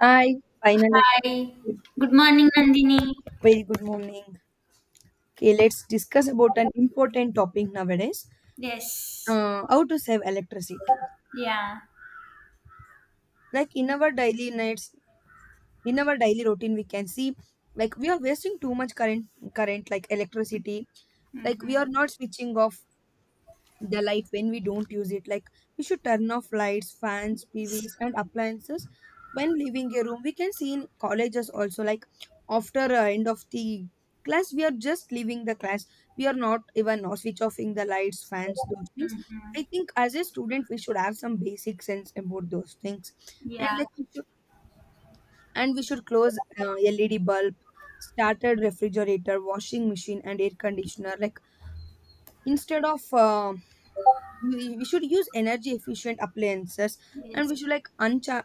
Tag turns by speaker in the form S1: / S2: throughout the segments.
S1: Hi, finally.
S2: Hi. Good morning, Nandini.
S1: Very good morning. Okay, let's discuss about an important topic nowadays.
S2: Yes.
S1: How to save electricity.
S2: Yeah.
S1: Like in our daily nights, in our daily routine, we can see like we are wasting too much current like electricity. Like we
S2: Mm-hmm.
S1: are not switching off the light when we don't use it. Like we should turn off lights, fans, tvs and appliances when leaving a room. We can see in colleges also, like after end of the class we are just leaving the class. We are not even switch offing the lights, fans, those things.
S2: Mm-hmm.
S1: I think as a student we should have some basic sense about those things. And
S2: Yeah.
S1: like we should close LED bulb, started refrigerator, washing machine and air conditioner. Like instead of we should use energy efficient appliances. And
S2: Yes.
S1: we should like uncha-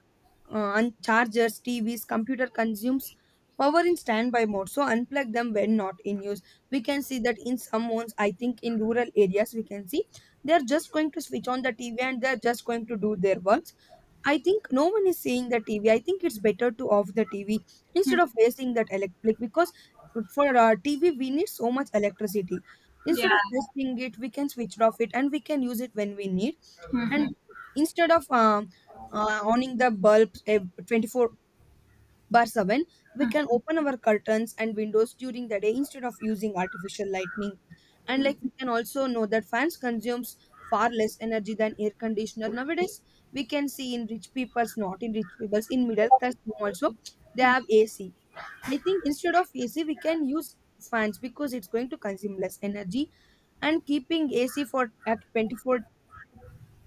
S1: uh, un- chargers, tvs, computer consumes power in standby mode, so unplug them when not in use. We can see that in some homes. I think in rural areas we can see they are just going to switch on the TV and they are just going to do their work. I think no one is seeing the TV. I think it's better to off the TV instead
S2: Mm.
S1: of wasting that electric, because for TV we need so much electricity. Instead of
S2: Yeah.
S1: wasting it, we can switch off it and we can use it when we need.
S2: Mm-hmm.
S1: And instead of owning the bulb 24 Bar 7, we can open our curtains and windows during the day instead of using artificial lighting. And like we can also know that fans consumes far less energy than air conditioner nowadays. We can see in rich people's, not in rich people's, in middle class home also, they have
S2: Mm-hmm.
S1: AC. I think instead of AC, we can use fans because it's going to consume less energy, and keeping AC for at 24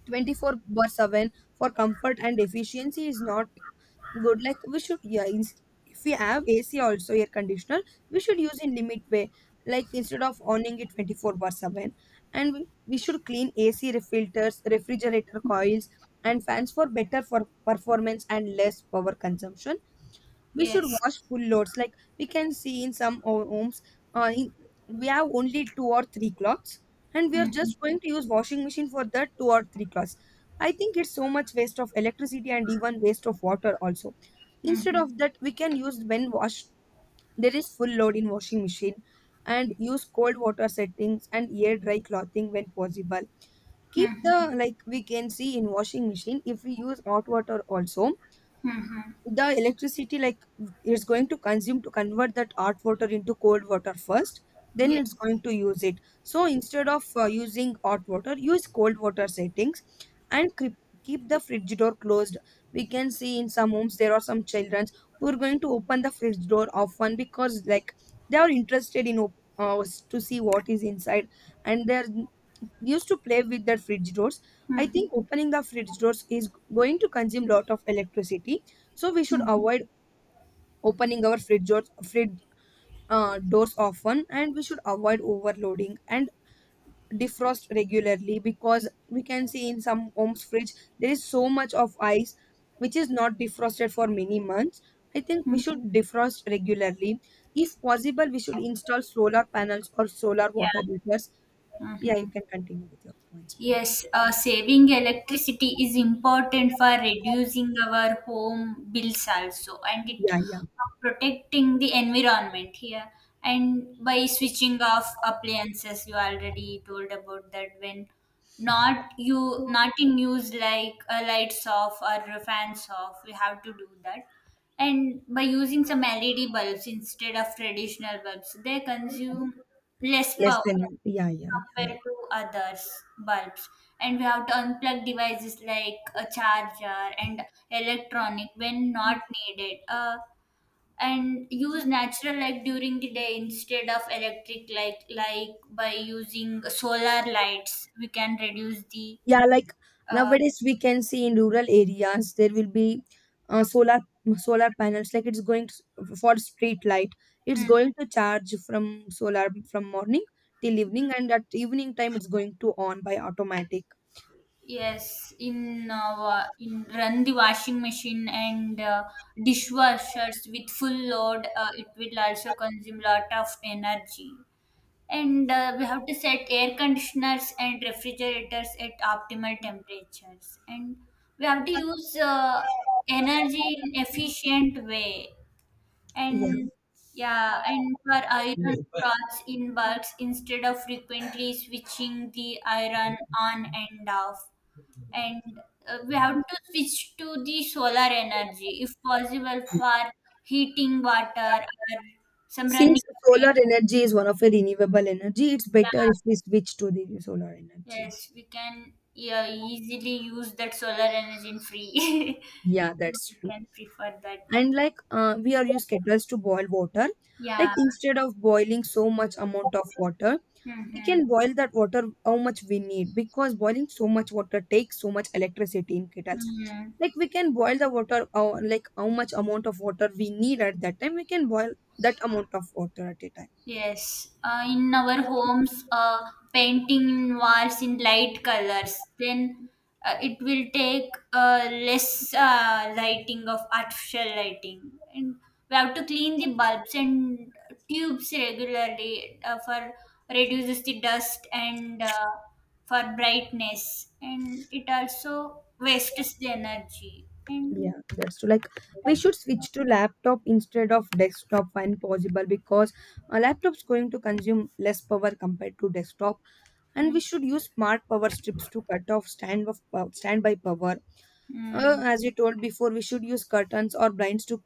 S1: 24 bar 7 for comfort and efficiency is not good. Like we should, yeah, if we have ac also, air conditioner, we should use in limit way, like instead of owning it 24 bar 7. And we should clean ac filters, refrigerator coils and fans for better, for performance and less power consumption. We should
S2: Yes.
S1: wash full loads. Like we can see in homes, uh, in, we have only two or three cloths and we are
S2: Mm-hmm.
S1: just going to use washing machine for that two or three cloths. I think it's so much waste of electricity and even waste of water also. Instead
S2: Mm-hmm.
S1: of that, we can use, when wash there is full load in washing machine, and use cold water settings and air dry clothing when possible. Keep the,
S2: Mm-hmm.
S1: like we can see in washing machine if we use hot water also,
S2: Mm-hmm.
S1: the electricity, like it's going to consume to convert that hot water into cold water first, then
S2: Yeah.
S1: it's going to use it. So instead of using hot water, use cold water settings. And keep the fridge door closed. We can see in some homes there are some children who are going to open the fridge door often, because like they are interested in uh, to see what is inside, and they're used to play with their fridge doors. I
S2: Mm-hmm.
S1: think opening the fridge doors is going to consume lot of electricity, so we should
S2: Mm-hmm.
S1: avoid opening our fridge doors often. And we should avoid overloading and defrost regularly, because we can see in some homes fridge there is so much of ice which is not defrosted for many months. I think we
S2: Mm-hmm.
S1: should defrost regularly. If possible, we should install solar panels or solar
S2: Yeah.
S1: water heaters. Yeah,
S2: Mm-hmm.
S1: you can continue with your points, Priyanka.
S2: Yes, saving electricity is important for reducing our home bills also, and it
S1: Yeah, yeah.
S2: protecting the environment here. And by switching off appliances, you already told about that when not you not in use like lights off or fans off, we have to do that. And by using some LED bulbs instead of traditional bulbs, they consume less
S1: Less
S2: power
S1: than, yeah, yeah, yeah.
S2: compared to others bulbs, and we have to unplug devices like a charger and electronic when not needed, and use natural light during the day instead of electric light like by using solar lights we can reduce the
S1: Yeah, like
S2: uh,
S1: nowadays we can see in rural areas there will be uh, solar solar panels. Like it's going to, for street light it's
S2: hmm,
S1: going to charge from solar from morning till evening, and at evening time it's going to on by automatic.
S2: yes in in run the washing machine and dishwashers with full load, it will also consume lot of energy, and we have to set air conditioners and refrigerators at optimal temperatures, and we have to use energy in efficient way
S1: Yeah,
S2: and yeah and for iron rods in bulks instead of frequently switching the iron on and off, and we have to switch to the solar energy if possible for heating water or some running
S1: since solar
S2: appliances.
S1: energy is one of the renewable energy, it's better if we switch to the solar energy.
S2: Yes, we can, yeah, easily use that solar energy in free.
S1: Yeah,
S2: We
S1: that's true.
S2: can prefer that.
S1: And like we are use kettles to boil water. Like
S2: Yeah.
S1: instead of boiling so much amount of water, we
S2: Mm-hmm.
S1: can boil that water how much we need, because boiling so much water takes so much electricity in kettles.
S2: Mm-hmm.
S1: Like we can boil the water, like how much amount of water we need at that time, we can boil that amount of water at a
S2: Yes, in our
S1: time.
S2: homes, painting walls in light colors, then it will take less lighting of artificial lighting, and we have to clean the bulbs and tubes regularly, for reduces the dust and, for brightness, and it also wastes the energy. And
S1: Yeah, that's true. Like we should switch to laptop instead of desktop when possible, because a laptop's going to consume less power compared to desktop. And we
S2: mm,
S1: should use smart power strips to cut off standby power. Uh,
S2: mm,
S1: as you told before, we should use curtains or blinds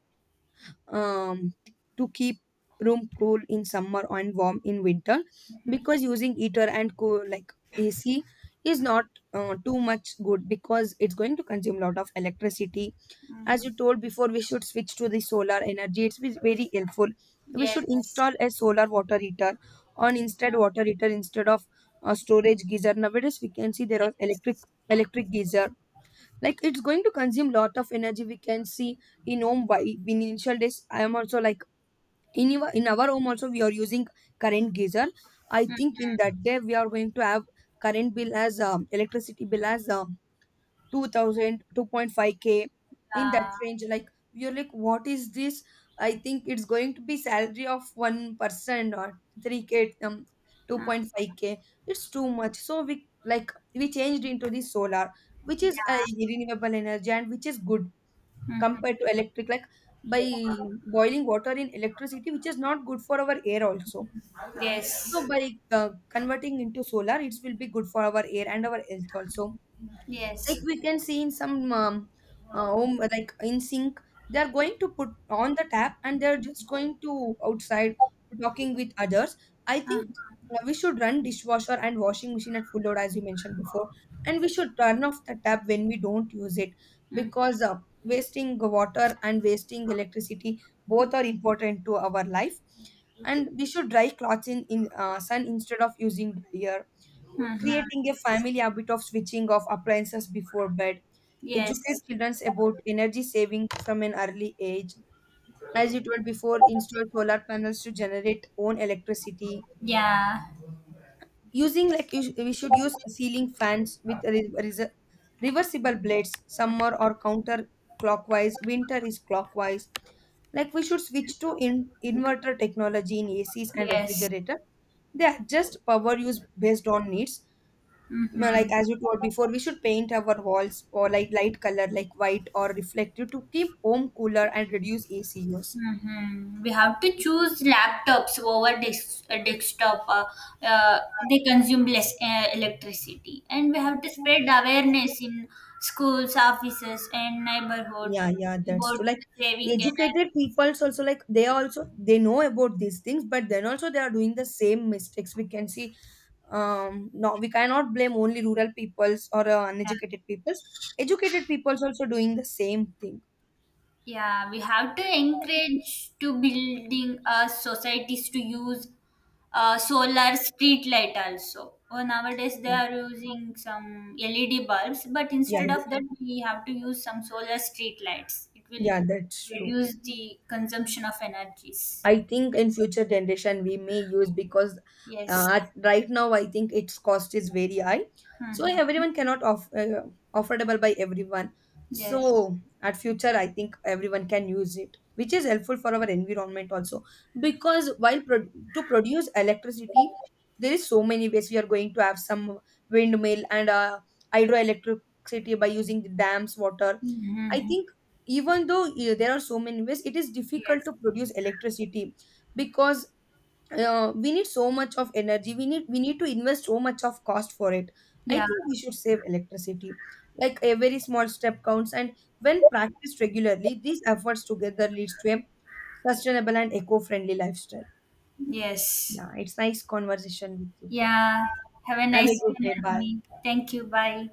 S1: um to keep room cool in summer and warm in winter,
S2: mm,
S1: because using heater and cool like AC is not too much good, because it's going to consume a lot of electricity. As
S2: mm,
S1: you told before, we should switch to the solar energy. It's very helpful. We should
S2: yes,
S1: install a solar water heater on, instead
S2: mm,
S1: water heater instead of a storage geyser. Nowadays, we can see there are electric
S2: yes.
S1: electric geyser. Like it's going to consume lot of energy. We can see in home by, in initial days, I am also like in our home also we are using current geyser. I think
S2: Mm-hmm.
S1: in that day we are going to have current bill as electricity bill as 2,002 point five k in that
S2: Uh,
S1: range like. You're like, what is this? I think it's going to be salary of 1% or 3k,
S2: uh,
S1: 2.5k. It's too much, so we changed into the solar, which is a
S2: yeah.
S1: renewable energy and which is good
S2: Mhm.
S1: compared to electric. Like by boiling water in electricity, which is not good for our air also. So
S2: Yes.
S1: by converting into solar, it will be good for our air and our health also. Like
S2: Yes.
S1: we can see in some home like in sink they are going to put on the tap and they're just going to outside talking with others. I
S2: Uh-huh.
S1: think we should run dishwasher and washing machine at full load, as you mentioned before. And we should turn off the tap when we don't use it,
S2: Mhm.
S1: because wasting water and wasting electricity both are important to our life. And we should dry clothes in sun instead of using dryer.
S2: Mhm.
S1: Creating a family habit of switching off appliances before bed, educate
S2: Yes.
S1: children about energy saving from an early age, as you were before, install solar panels to generate own electricity.
S2: Yeah.
S1: Using, like we should use ceiling fans with reversible blades. Summer or counter clockwise, winter is clockwise. Like we should switch to inverter technology in ACs and
S2: Yes.
S1: refrigerator. They adjust power use based on needs. No,
S2: Mm-hmm.
S1: like as you told before, we should paint our walls or like light color, like white or reflective, to keep home cooler and reduce AC use.
S2: Mm-hmm. We have to choose laptops over desktop. They consume less electricity, and we have to spread awareness in schools, offices, and neighborhood
S1: Yeah, yeah, that's
S2: about
S1: true. Like
S2: saving energy.
S1: educated people's also, like they know about these things, but then also they are doing the same mistakes. We can see, no, we cannot blame only rural peoples or
S2: Yeah.
S1: uneducated peoples, educated peoples also doing the same thing.
S2: Yeah, we have to encourage to building societies to use solar street light also. Oh, nowadays they are using some LED bulbs, but
S1: Yeah,
S2: instead of
S1: yeah,
S2: that, we have to use some solar street lights. It will
S1: yeah, that's true.
S2: reduce the consumption of energies.
S1: I think in future generation we may use, because
S2: Yes.
S1: right now I think its cost is very high. So
S2: Mm-hmm.
S1: everyone cannot off, affordable by everyone.
S2: Yes.
S1: So at future I think everyone can use it, which is helpful for our environment also. Because to produce electricity, there is so many ways. We are going to have some windmill and hydroelectricity by using the dams water. I
S2: Mm-hmm.
S1: think even though there are so many ways, it is difficult
S2: Yes.
S1: to produce electricity, because we need so much of energy. We need to invest so much of cost for it. I
S2: Yeah.
S1: think we should save electricity. Like a very small step counts, and when practiced regularly, these efforts together leads to a sustainable and eco-friendly lifestyle.
S2: Yes.
S1: Yeah, it's nice conversation with you.
S2: Yeah. Have a
S1: Have a
S2: nice day,
S1: good day. Bye.
S2: Nandini. Thank you. Bye.